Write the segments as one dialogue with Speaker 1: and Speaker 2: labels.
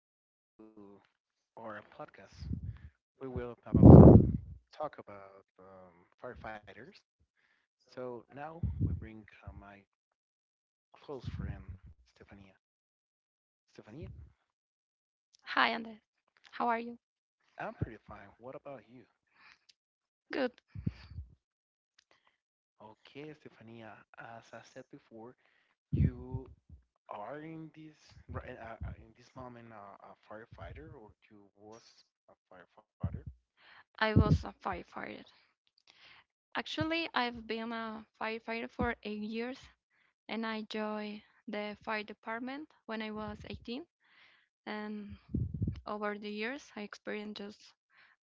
Speaker 1: welcome back to our podcast. We will about to talk about firefighters. So now we bring my close friend Stefania. Stefania,
Speaker 2: Hi, Andre. How are you?
Speaker 1: I'm pretty fine. What about you?
Speaker 2: Good.
Speaker 1: Okay, Stefania. As I said before, you are in this right in this moment a firefighter, or you was a firefighter.
Speaker 2: I was a firefighter. Actually, I've been a firefighter for 8 years, and I joined the fire department when I was 18. And over the years, I experienced just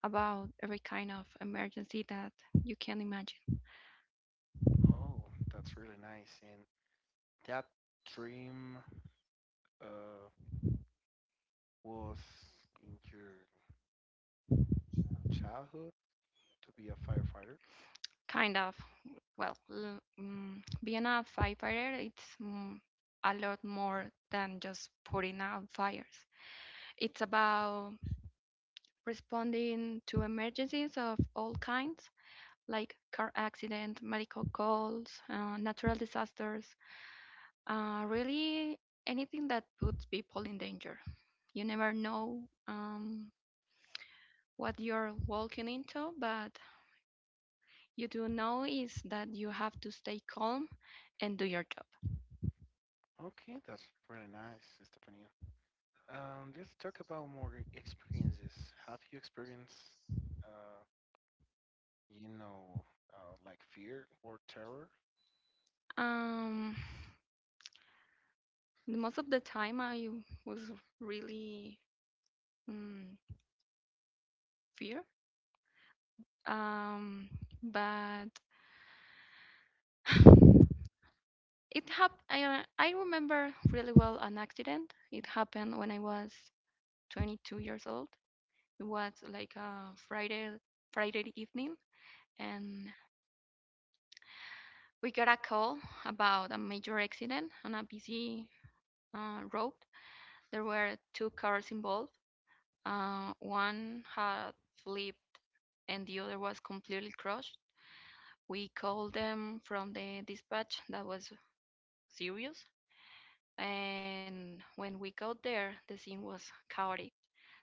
Speaker 2: about every kind of emergency that you can imagine.
Speaker 1: Oh, that's really nice. And that dream. Uh, was in your childhood to be a firefighter?
Speaker 2: Kind of, well, being a firefighter, it's a lot more than just putting out fires. It's about responding to emergencies of all kinds, like car accident, medical calls, natural disasters, really anything that puts people in danger. You never know um, what you're walking into, but you do know is that you have to stay calm and do your job.
Speaker 1: Okay, that's really nice, Estefania. Let's talk about more experiences. Have you experienced, uh, you know, like fear or terror?
Speaker 2: Um, Most of the time, I was really mm, fear, um, but it happened. I remember really well an accident. It happened when I was 22 years old. It was like a Friday evening, and we got a call about a major accident on a busy road. There were two cars involved. One had flipped, and the other was completely crushed. We called them from the dispatch that was serious. And when we got there, the scene was chaotic.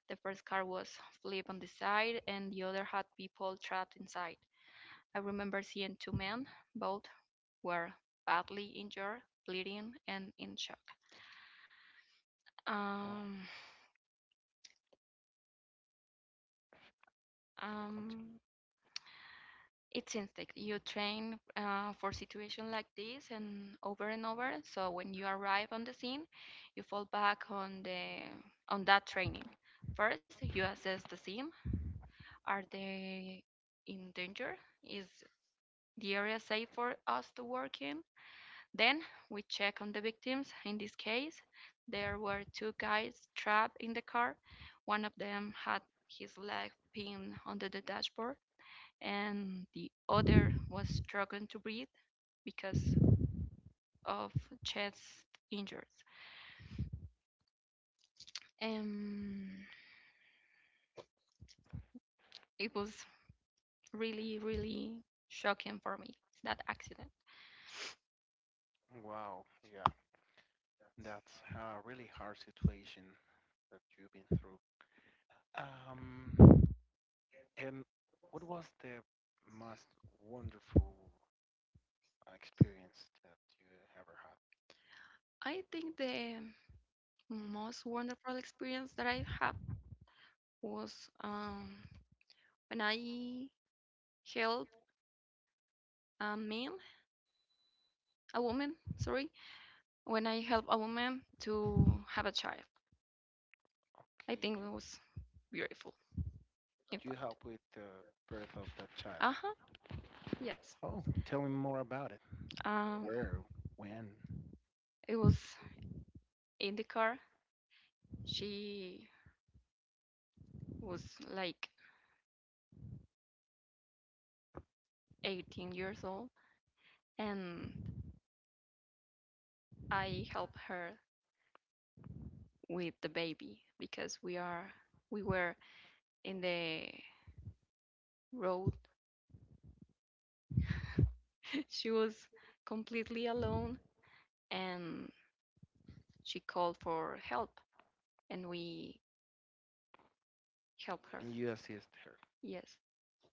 Speaker 2: The first car was flipped on the side, and the other had people trapped inside. I remember seeing two men, both were badly injured, bleeding, and in shock.
Speaker 1: Oh,
Speaker 2: Um,
Speaker 1: continue.
Speaker 2: um, it's instinct. You train for situations like this and over and over. So when you arrive on the scene, you fall back on the on that training. First, you assess the scene. Are they in danger? Is the area safe for us to work in? Then we check on the victims. In this case, there were two guys trapped in the car. One of them had his leg pinned under the dashboard, and the other was struggling to breathe because of chest injuries. Um, it was really, really shocking for me, that accident.
Speaker 1: Wow, yeah, that's a really hard situation that you've been through. Um, and what was the most wonderful experience that you ever had?
Speaker 2: I think the most wonderful experience that I had was when I helped a man, a woman, sorry, when I helped a woman to have a child.
Speaker 1: Okay,
Speaker 2: I
Speaker 1: you
Speaker 2: think it was beautiful. In
Speaker 1: you help
Speaker 2: fact,
Speaker 1: with the birth of that child?
Speaker 2: uh huh, yes.
Speaker 1: Oh, tell me more about it.
Speaker 2: Um,
Speaker 1: Where, when,
Speaker 2: it was in the car. She was like 18 years old, and I helped her with the baby because we were in the road. She was completely alone, and she called for help, and we
Speaker 1: and
Speaker 2: helped
Speaker 1: you
Speaker 2: her.
Speaker 1: assist her.
Speaker 2: Yes.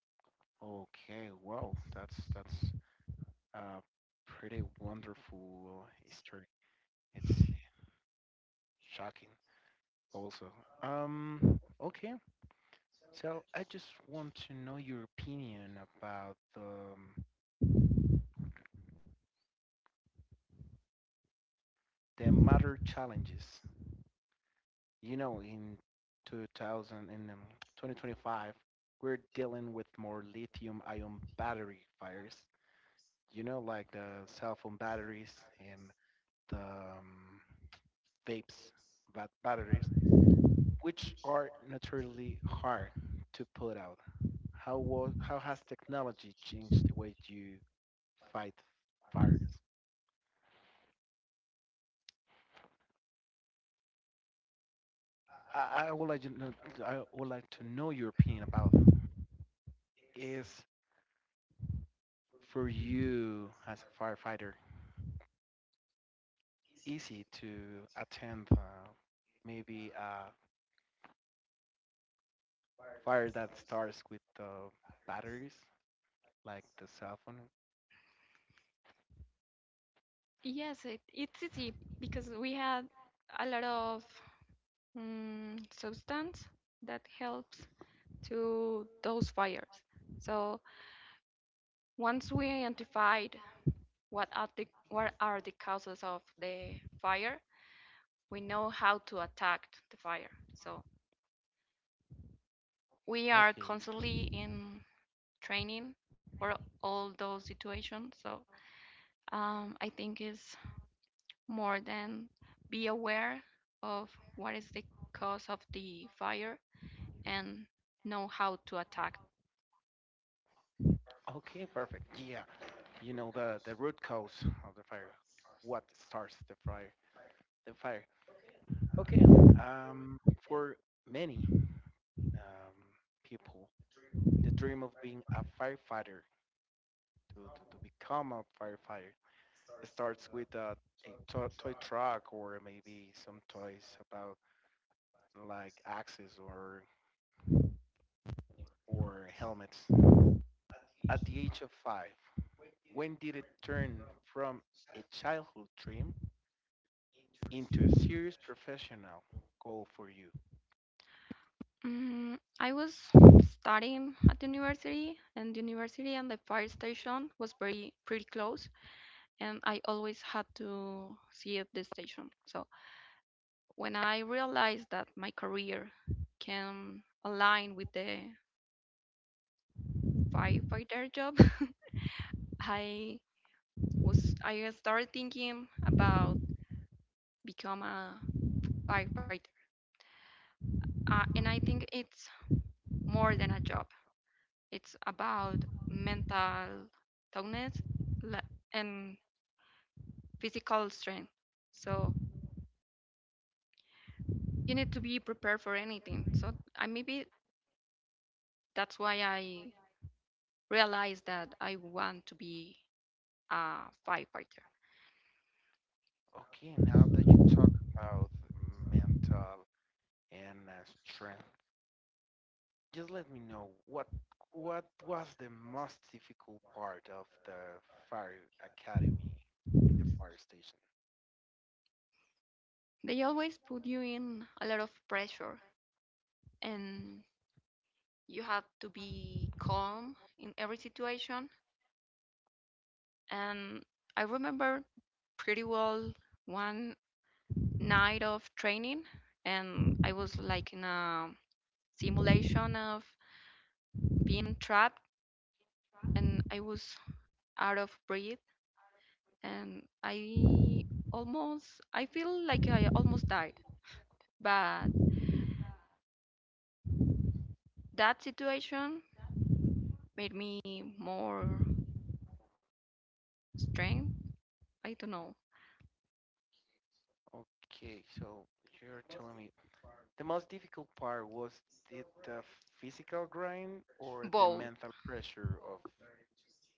Speaker 1: Okay, wow, that's a pretty wonderful history. It's shocking, also. Okay, so I just want to know your opinion about the mother challenges, you know, in 2000 in 2025, we're dealing with more lithium-ion battery fires. You know, like the cell phone batteries and the vapes batteries, which are naturally hard to put out. How has technology changed the way you fight fires? I would like to know, I would like to know your opinion about is for you as a firefighter easy to attend maybe a fire that starts with the batteries, like the cell phone.
Speaker 2: Yes, it's easy because we had a lot of substance that helps to those fires. So once we identified what are the causes of the fire, we know how to attack the fire. So we are
Speaker 1: Okay,
Speaker 2: constantly in training for all those situations. So I think it's more than be aware of what is the cause of the fire and know how to attack.
Speaker 1: okay, perfect. Yeah, you know the root cause of the fire, what starts the fire, the fire. Okay, for many um, people, the dream of being a firefighter to become a firefighter starts with a a toy truck or maybe some toys about like axes or helmets at the age of five? When did it turn from a childhood dream into a serious professional goal for you?
Speaker 2: I was studying at the university, and the university and the fire station was very pretty close, and I always had to see at the station. So when I realized that my career can align with the firefighter job, I I started thinking about become a firefighter, and I think it's more than a job. It's about mental toughness la- and physical strength. So you need to be prepared for anything. So I maybe that's why I realized that I want to be a firefighter.
Speaker 1: Okay, now that you talk about mental and strength, just let me know what was the most difficult part of the fire academy in the fire station?
Speaker 2: They always put you in a lot of pressure, and you have to be calm in every situation. And I remember pretty well one night of training, and I was like in a simulation of being trapped, and I was out of breath, and I almost, I feel like I almost died. But that situation made me more strength. I don't know.
Speaker 1: Okay, so you're telling me the most difficult part was it the physical grind or the
Speaker 2: both
Speaker 1: mental pressure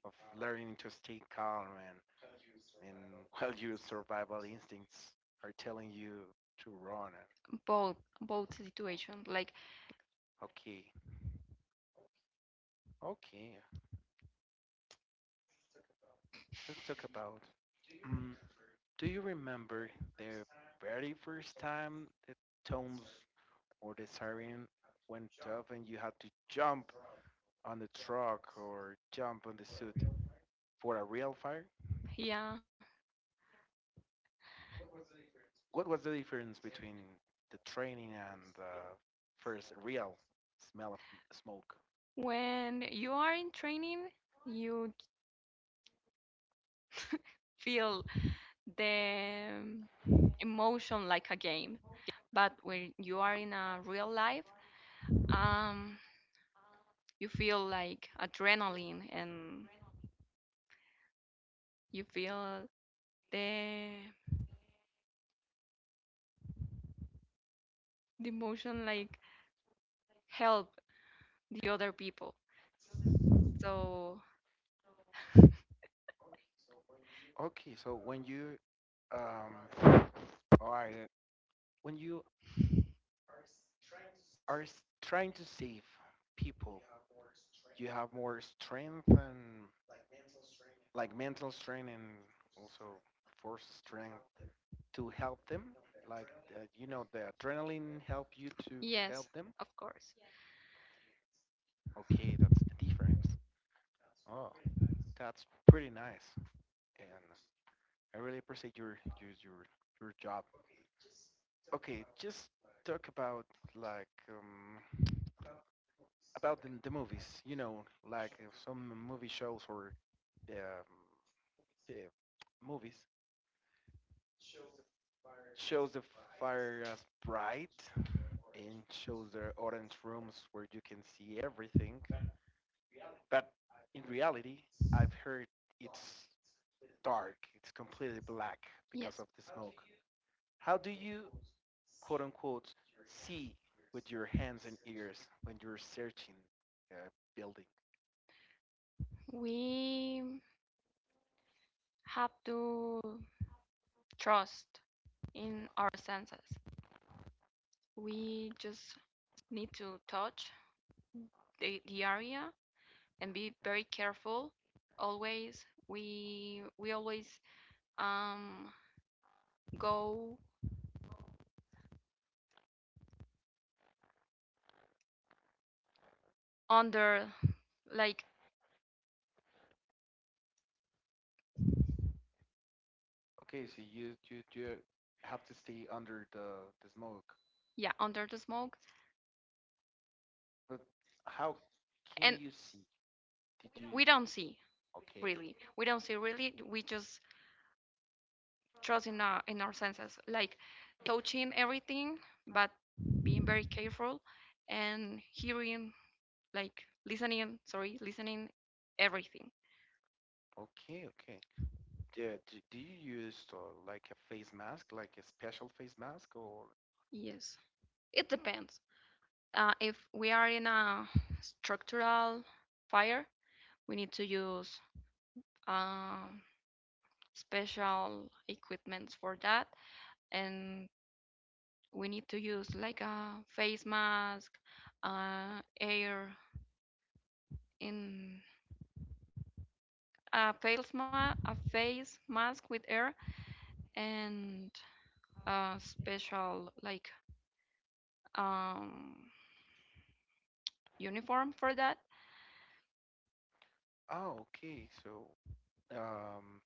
Speaker 1: of learning to stay calm and while your survival instincts are telling you to run. And
Speaker 2: both both situations, like,
Speaker 1: okay, okay, let's talk about. Mm, do you remember the very first time the tones or the siren went off and you had to jump on the truck or jump on the suit for a real fire?
Speaker 2: yeah,
Speaker 1: What was the difference between the training and the first real smell of smoke?
Speaker 2: when you are in training, you feel the emotion like a game. But when you are in a real life, um, you feel like adrenaline, and you feel the the emotion like help the other people. So
Speaker 1: Okay, so when you um are when you are trying to save people, you have more strength and like mental strength and also force strength to help them. Like the adrenaline help you to help
Speaker 2: yes,
Speaker 1: them.
Speaker 2: of course.
Speaker 1: Okay, that's the difference. Oh, that's pretty nice. And I really appreciate your job. Okay, just talk about like about the movies. You know, like some movie shows or um, yeah, movies shows the fire as bright and shows the orange rooms where you can see everything. But in reality, I've heard it's dark. It's completely black because
Speaker 2: Yes,
Speaker 1: of the smoke. How do you quote unquote see with your hands and ears when you're searching a building.
Speaker 2: we have to trust in our senses. We just need to touch the area and be very careful. Always we always um go under, like,
Speaker 1: Okay, so you have to stay under the smoke.
Speaker 2: yeah, under the smoke.
Speaker 1: But how can
Speaker 2: And
Speaker 1: you see? Did
Speaker 2: we
Speaker 1: you
Speaker 2: don't see
Speaker 1: okay?
Speaker 2: we don't see really. We just trust in our senses, like touching everything, but being very careful, and hearing, like, listening everything.
Speaker 1: Okay, okay. Yeah. Do you use like a face mask, like a special face mask, or
Speaker 2: Yes, it depends. If we are in a structural fire, we need to use um, special equipments for that, and we need to use like a face mask, air in a face ma a face mask with air, and a special, like, um, uniform for that.
Speaker 1: oh, okay. So um,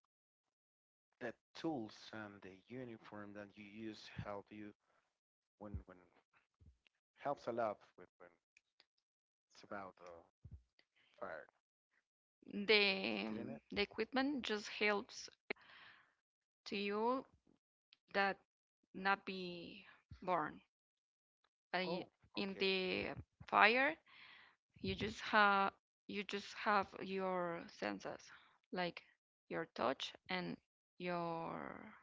Speaker 1: the tools and the uniform that you use help you when helps a lot with when it's about backfired, didn't it?
Speaker 2: The the equipment just helps to you that not be born. But
Speaker 1: Oh, okay.
Speaker 2: in the fire, you just have you just have your senses, like your touch and your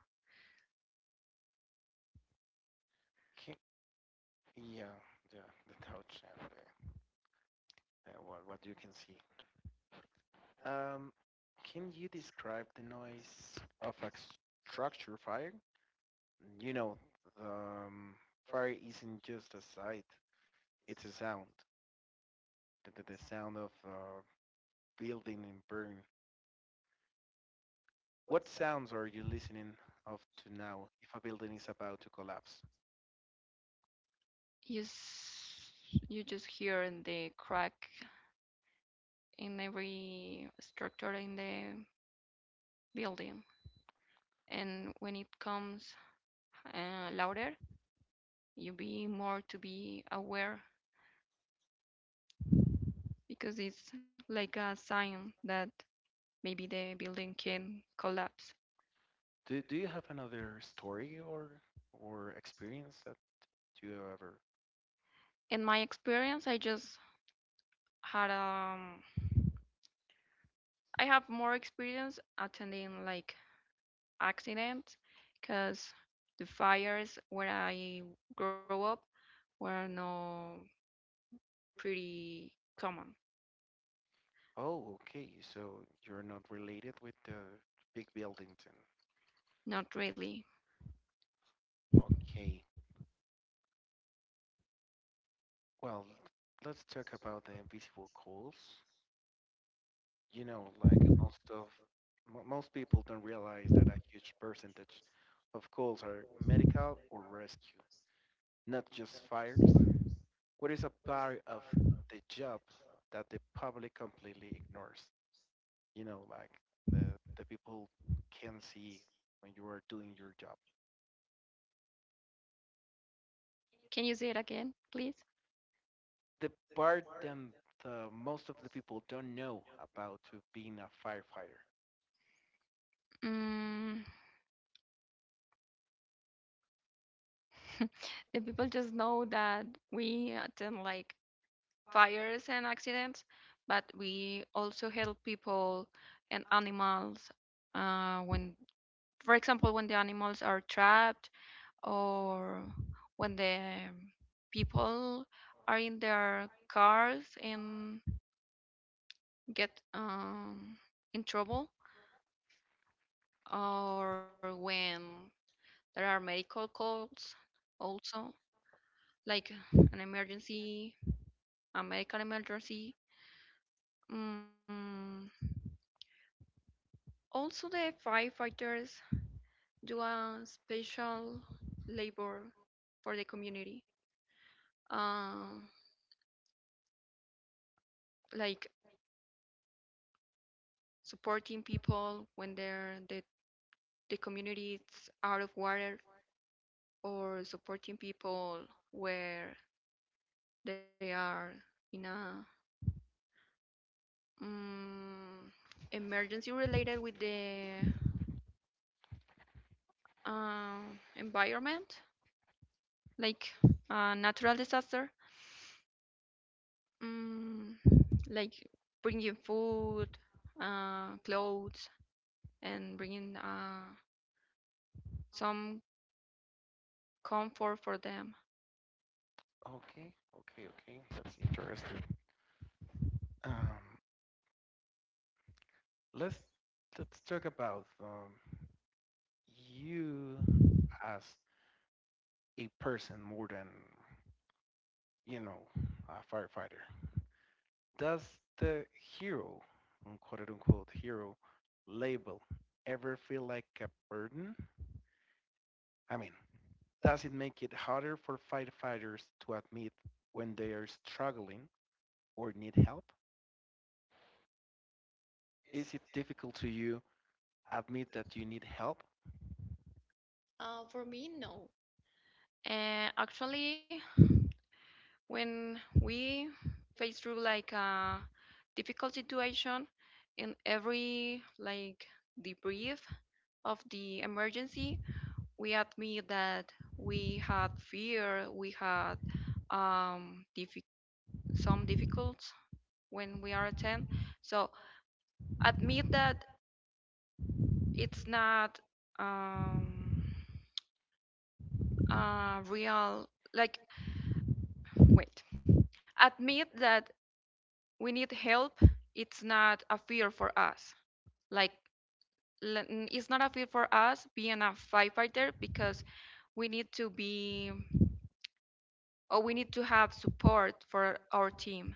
Speaker 1: Ki- yeah, yeah, the touch and the, what you can see. Um, can you describe the noise of a structure fire? You know, the, um, fire isn't just a sight; it's a sound. The sound of building and burn. What sounds are you listening of to now if a building is about to collapse?
Speaker 2: you s- you just hear in the crack in every structure in the building. And when it comes louder, you be more to be aware because it's like a sign that maybe the building can collapse.
Speaker 1: Do you have another story or experience that you ever
Speaker 2: In my experience, I just had I have more experience attending like accidents because the fires where I grew up were no pretty common.
Speaker 1: oh, okay. So you're not related with the big buildings and
Speaker 2: Not really.
Speaker 1: okay. Well, let's talk about the invisible calls. You know, like most of mo most people don't realize that a huge percentage of calls are medical or rescue, not just fires. What is a part of the job that the public completely ignores? You know, like the the people can see when you are doing your job.
Speaker 2: Can you say it again, please?
Speaker 1: The part that the, most of the people don't know about to being a firefighter.
Speaker 2: Mm, the people just know that we attend like fires and accidents, but we also help people and animals when, for example, when the animals are trapped, or when the people are in their cars and get in trouble, or when there are medical calls, also, like an emergency, a medical emergency, mm, also the firefighters do a special labor for the community, um, like supporting people when the community is out of water, or supporting people where they are in a um, emergency related with the environment, like a natural disaster, um, like bringing food, clothes, and bringing some comfort for them.
Speaker 1: Okay, okay, okay. That's interesting. Um, let's let's talk about you as a person more than you know a firefighter. Does the hero, quote unquote hero, label ever feel like a burden? I mean, does it make it harder for firefighters to admit when they are struggling or need help? Is it difficult to you admit that you need help?
Speaker 2: For me, no. And actually, when we face through like a difficult situation in every like debrief of the emergency, we admit that we had fear, we had um diffi- some difficulties when we are attend. So admit that it's not um real, like, wait, admit that we need help. It's not a fear for us, like, it's not a fear for us being a firefighter because we need to be, or we need to have support for our team.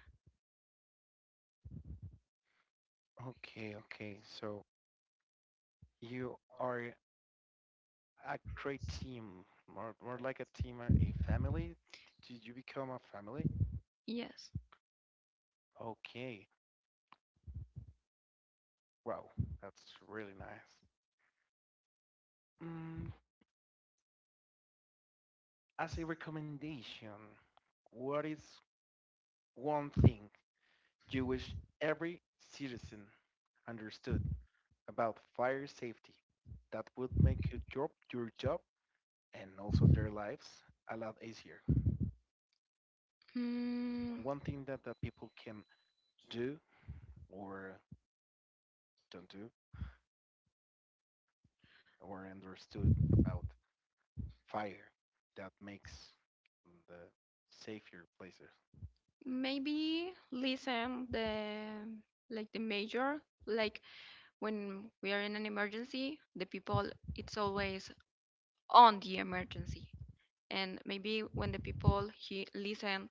Speaker 1: Okay, okay. So you are a great team, more like a team, a family. Did you become a family?
Speaker 2: Yes.
Speaker 1: Okay. Wow, that's really nice. Mm, as a recommendation, what is one thing you wish every citizen understood? About fire safety that would make you job, your job and also their lives a lot easier.
Speaker 2: mm,
Speaker 1: One thing that people can do or don't do or understood about fire that makes the safer places.
Speaker 2: Maybe listen the, like, the major, like, when we are in an emergency, the people, it's always on the emergency. And maybe when the people he listen,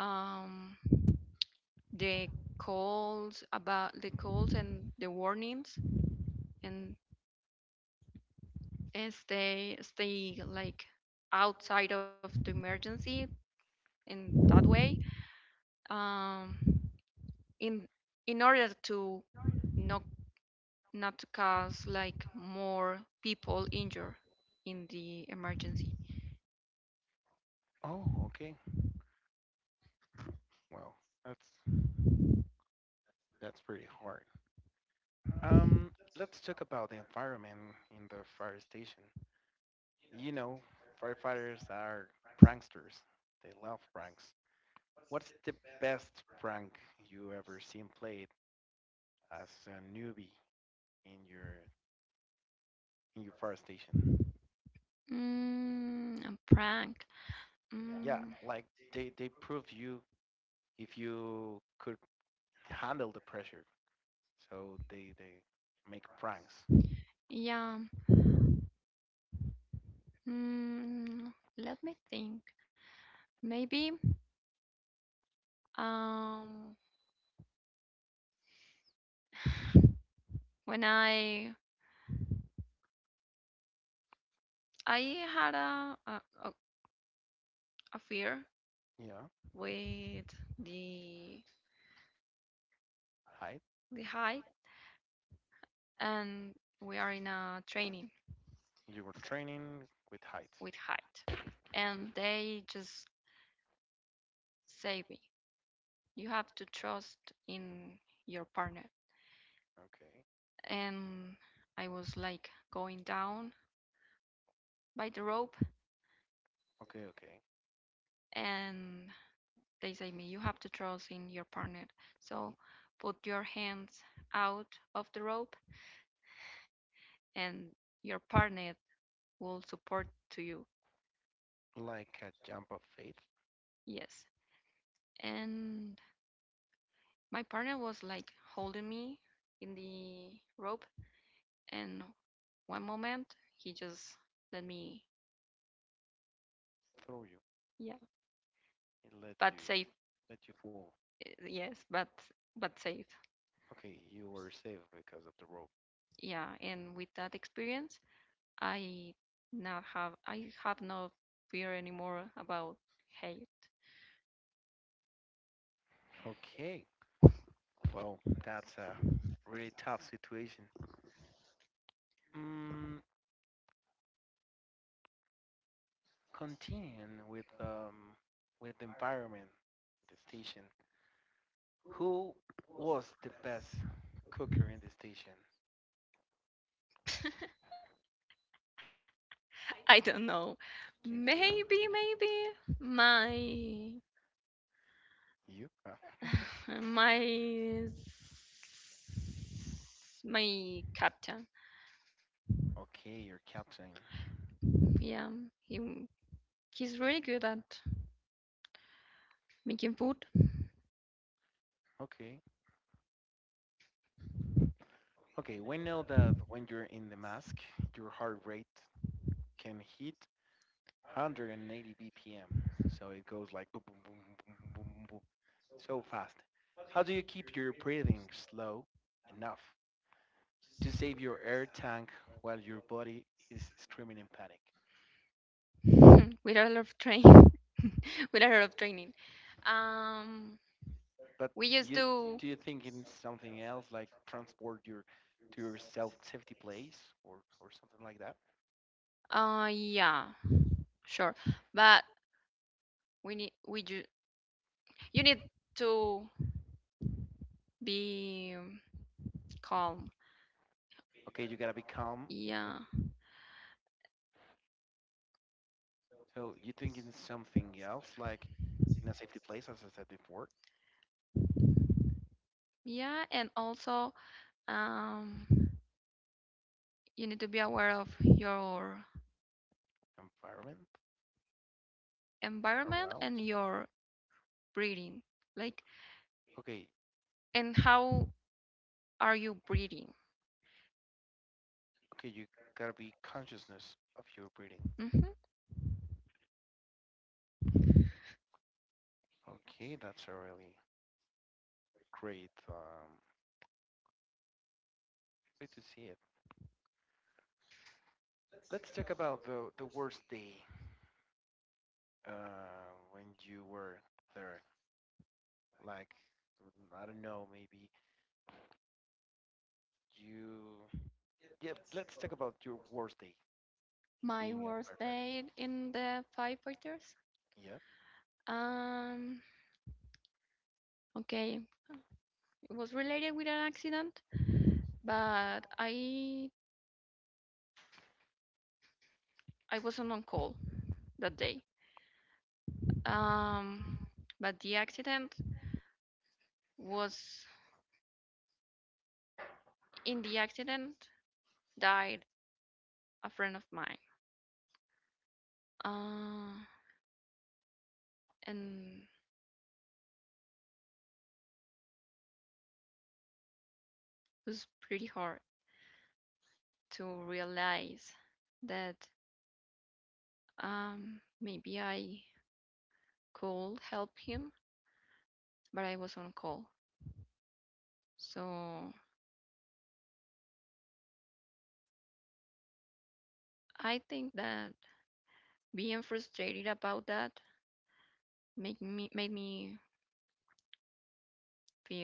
Speaker 2: um, the calls about the calls and the warnings, and, and stay like outside of the emergency, in that way, um, in in order to not not to cause like more people injured in the emergency.
Speaker 1: Oh, okay. Well, that's that's pretty hard. Um, let's talk about the environment in the fire station. You know, firefighters are pranksters. They love pranks. What's the best prank you ever seen played as a newbie in your fire station?
Speaker 2: Mm, a prank.
Speaker 1: Yeah,
Speaker 2: Mm,
Speaker 1: like they prove you if you could handle the pressure. So they make pranks.
Speaker 2: yeah. Mm, Let me think. Maybe um when I had a fear
Speaker 1: Yeah,
Speaker 2: with the
Speaker 1: height.
Speaker 2: the height. And we are in a training
Speaker 1: You were training with heights.
Speaker 2: with height, and they just say me, you have to trust in your partner.
Speaker 1: Okay,
Speaker 2: And I was like going down by the rope,
Speaker 1: okay, okay.
Speaker 2: and they say me, you have to trust in your partner. So put your hands out of the rope, and your partner will support to you.
Speaker 1: Like a jump of faith,
Speaker 2: Yes. And my partner was like holding me in the rope, and one moment he just let me.
Speaker 1: throw you.
Speaker 2: Yeah,
Speaker 1: It
Speaker 2: but safe.
Speaker 1: let you fall.
Speaker 2: Yes, but safe.
Speaker 1: Okay, you were safe because of the rope.
Speaker 2: Yeah. And with that experience, i I have no fear anymore about hate.
Speaker 1: Okay, well, that's a really tough situation. Mm, continuing with the environment, the station. Who was the best cooker in the station?
Speaker 2: I don't know.
Speaker 1: Do you know?
Speaker 2: Maybe my
Speaker 1: You? Ah,
Speaker 2: my s- my captain.
Speaker 1: okay, your captain.
Speaker 2: Yeah, he he's really good at making food.
Speaker 1: Okay. Okay, we know that when you're in the mask, your heart rate can hit 180 BPM. So it goes like boom, boom, boom, boom, boom, boom, boom, so fast. How do you keep your breathing slow enough to save your air tank while your body is screaming in panic.
Speaker 2: with a lot of train with a lot of training. Um,
Speaker 1: But
Speaker 2: we used
Speaker 1: you
Speaker 2: to.
Speaker 1: do you think in something else like transport your to your self safety place or or something like that?
Speaker 2: Yeah, sure, but we need we ju- you need to be calm.
Speaker 1: Okay, you gotta be calm. When you,
Speaker 2: Yeah,
Speaker 1: so you think in something else like in a safety place, as I said before,
Speaker 2: yeah, and also um, you need to be aware of your
Speaker 1: environment
Speaker 2: environment
Speaker 1: around.
Speaker 2: and your breathing, like,
Speaker 1: Okay,
Speaker 2: and how are you breathing?
Speaker 1: okay, you gotta be consciousness of your breathing.
Speaker 2: Hmm.
Speaker 1: Okay, that's a really great way to see it. Let's talk about the worst day when you were there? Like, mm, I don't know, maybe you. Yeah, let's talk about your worst day
Speaker 2: My
Speaker 1: being a
Speaker 2: worst
Speaker 1: firefighter.
Speaker 2: day in the firefighters.
Speaker 1: Yep.
Speaker 2: Um, okay, it was related with an accident, but I wasn't on call that day. Um, but the accident was in the accident died a friend of mine. Uh, and it was pretty hard to realize that maybe I could help him, but I was on call. So I think that being frustrated about that made me feel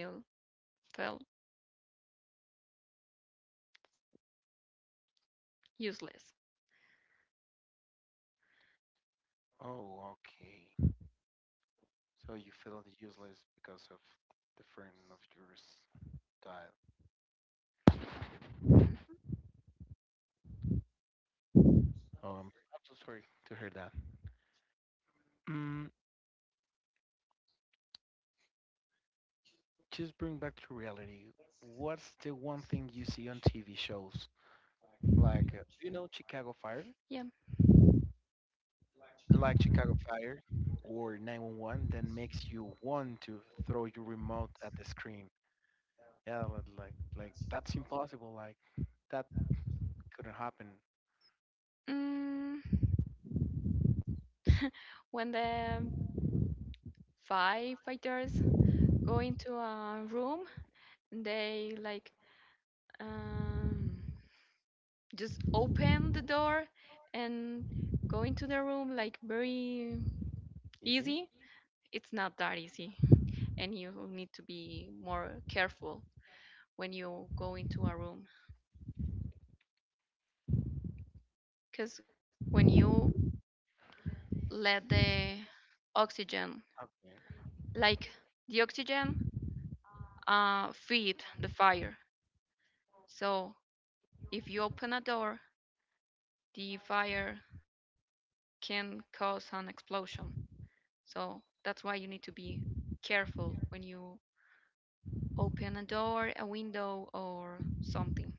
Speaker 2: felt useless.
Speaker 1: Oh, okay. So you feel useless because of the friend of yours died.
Speaker 2: Hmm.
Speaker 1: Oh, I'm so sorry to hear that. Mm, just bring back to reality. What's the one thing you see on TV shows? Like, do you know Chicago Fire?
Speaker 2: Yeah.
Speaker 1: Like Chicago Fire or 911 that makes you want to throw your remote at the screen. Yeah, like that's impossible. Like that couldn't happen.
Speaker 2: Mm, when the firefighters go into a room, they like um just open the door and go into the room like very
Speaker 1: You
Speaker 2: easy.
Speaker 1: see?
Speaker 2: It's not that easy, and you need to be more careful when you go into a room because when you let oxygen like the
Speaker 1: Okay.
Speaker 2: oxygen feed the fire. So if you open a door, the fire can cause an explosion, so that's why you need to be careful when you open a door, a window, or something.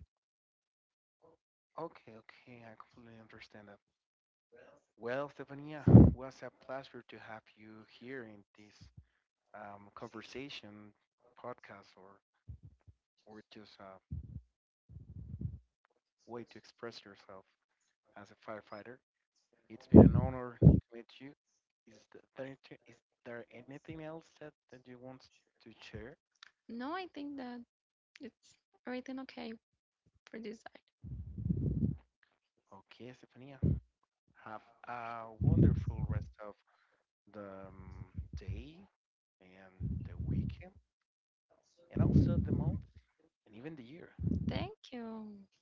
Speaker 1: Okay, okay. I completely understand that. Well, Stefania, was a pleasure to have you here in this conversation podcast or just a way to express yourself as a firefighter. It's been an honor to meet you. Is there, anything else that you want to share?
Speaker 2: No, I think that it's everything okay for this side.
Speaker 1: Okay, Stefania. Have a wonderful rest of the day and the weekend, and also the month and even the year.
Speaker 2: Thank you.